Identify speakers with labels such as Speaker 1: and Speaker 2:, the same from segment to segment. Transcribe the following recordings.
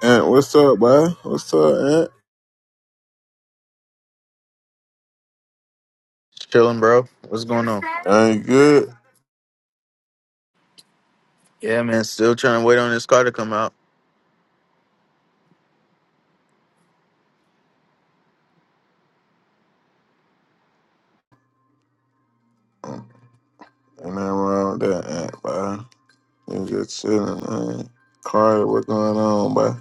Speaker 1: Aunt, what's up, boy? What's up, Aunt?
Speaker 2: Chilling, bro. What's going on?
Speaker 1: I ain't good.
Speaker 2: Yeah, man. Still trying to wait on this car to come out.
Speaker 1: Ain't nothing wrong with that, Aunt, boy. You just chilling, man. Carter, what going on, boy?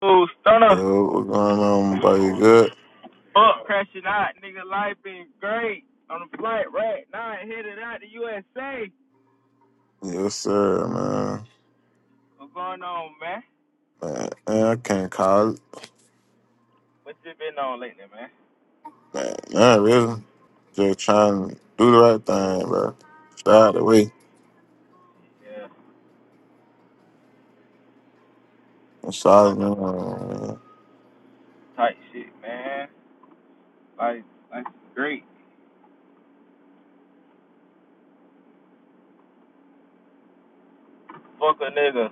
Speaker 3: Oh stunner up,
Speaker 1: Yo, what going on, boy? You good?
Speaker 3: up, crashing out, nigga. Life been great. On the flight right now, headed out to USA.
Speaker 1: Yes, sir, man.
Speaker 3: What's going on, man?
Speaker 1: Man, man I can't call it.
Speaker 3: What you been on lately, man?
Speaker 1: Man, not really. Just trying to do the right thing, bro. Stay out the way.
Speaker 3: Yeah,
Speaker 1: I'm sorry,
Speaker 3: tight,
Speaker 1: man.
Speaker 3: tight shit, man. Life, life great. Fuck a nigga.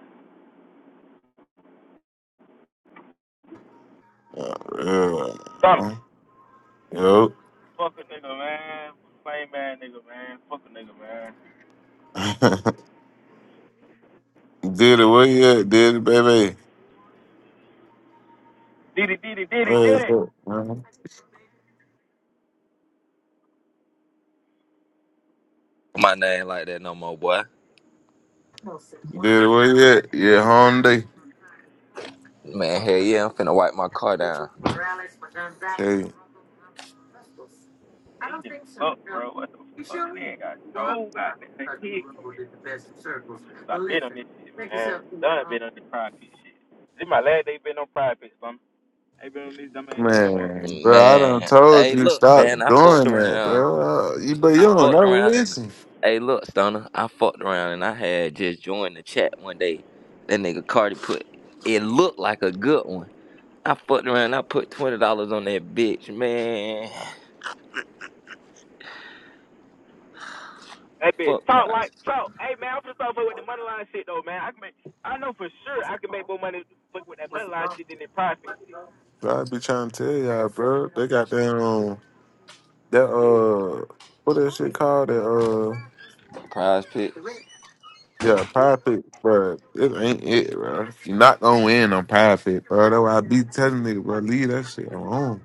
Speaker 1: Yeah, real,
Speaker 3: Stunner.
Speaker 1: man. Yo.
Speaker 3: Fuck a nigga, man. Plain man, nigga, man. Fuck a nigga, man.
Speaker 1: did it, where you at, did it, baby?
Speaker 3: Diddy, diddy, diddy,
Speaker 1: Where is
Speaker 3: diddy.
Speaker 1: it, man?
Speaker 4: my name like that no more, boy.
Speaker 1: Dude, where you at? Yeah, Hyundai.
Speaker 4: Man,
Speaker 3: Oh,
Speaker 4: hell yeah, I'm finna wipe my car down.
Speaker 1: Hey,
Speaker 3: these niggas suck, bro. What the fuck? They ain't got no goddamn kick. i I've been on this shit, man. Done been on this pride pit shit. This my last day been on pride pits, bum. I Ain't been on this dumb ass shit no more.
Speaker 1: man, bro, I done
Speaker 4: Man,
Speaker 1: told
Speaker 4: hey,
Speaker 1: you
Speaker 4: look,
Speaker 1: stop
Speaker 4: man, I fucked
Speaker 1: doing that,
Speaker 4: around.
Speaker 1: bro. Uh, You, but you
Speaker 4: I
Speaker 1: don't
Speaker 4: fucked
Speaker 1: never
Speaker 4: around and
Speaker 1: listen.
Speaker 4: hey, look, Stoner, I fucked around and I had just joined the chat one day. That nigga Cardi put it looked like a good one. I fucked around. I put twenty dollars on that bitch, man.
Speaker 3: That bitch
Speaker 4: Fuck
Speaker 3: talk
Speaker 4: prize,
Speaker 3: like talk. Hey man, I'm just off with the money line shit though, man. I can make, I know for sure I can make more money fuck with that money line shit than that pride pit shit.
Speaker 1: Bro, I be trying to tell y'all, bro. They got that um, that uh, what that shit called? That uh,
Speaker 4: prize picks.
Speaker 1: yeah, profit, bro. It ain't it, bro. you not gonna win on profit, bro. That's why I be telling niggas, bro, leave that shit alone.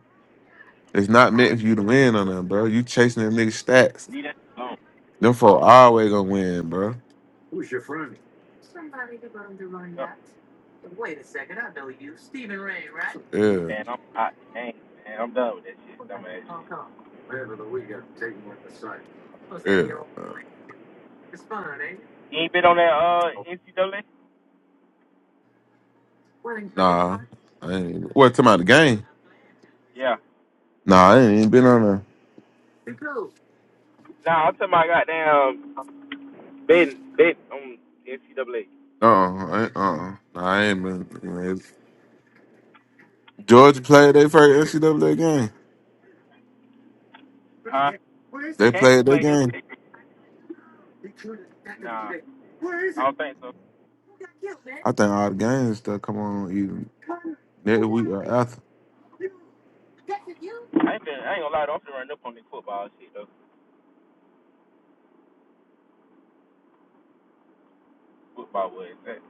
Speaker 1: It's not meant for you to win on that, bro. You chasing that nigga stats.
Speaker 3: Leave that alone.
Speaker 1: Them folk always gonna win, bro.
Speaker 3: Yup.
Speaker 1: Yeah,
Speaker 3: Man, I'm out the game, man. I'm done with that shit, dumb ass shit.
Speaker 1: yeah.
Speaker 3: You ain't been on that uh NCAA?
Speaker 1: Nah, I ain't. Even, what talking about the game?
Speaker 3: Yeah.
Speaker 1: Nah, I ain't even been on there.
Speaker 3: Nah, I'm talking about goddamn been been on NCAA.
Speaker 1: Uh, uh-uh, uh, uh-uh. nah, I ain't been. you know, it's- Georgia played their first NCAA game.
Speaker 3: Huh?
Speaker 1: They
Speaker 3: Kansas
Speaker 1: played their
Speaker 3: played
Speaker 1: game.
Speaker 3: yesterday. Nah, I don't think so.
Speaker 1: I think all the games that come on either next week or after.
Speaker 3: I ain't been. I ain't gonna lie. though, I'm finna run up on this football shit though. Football was that.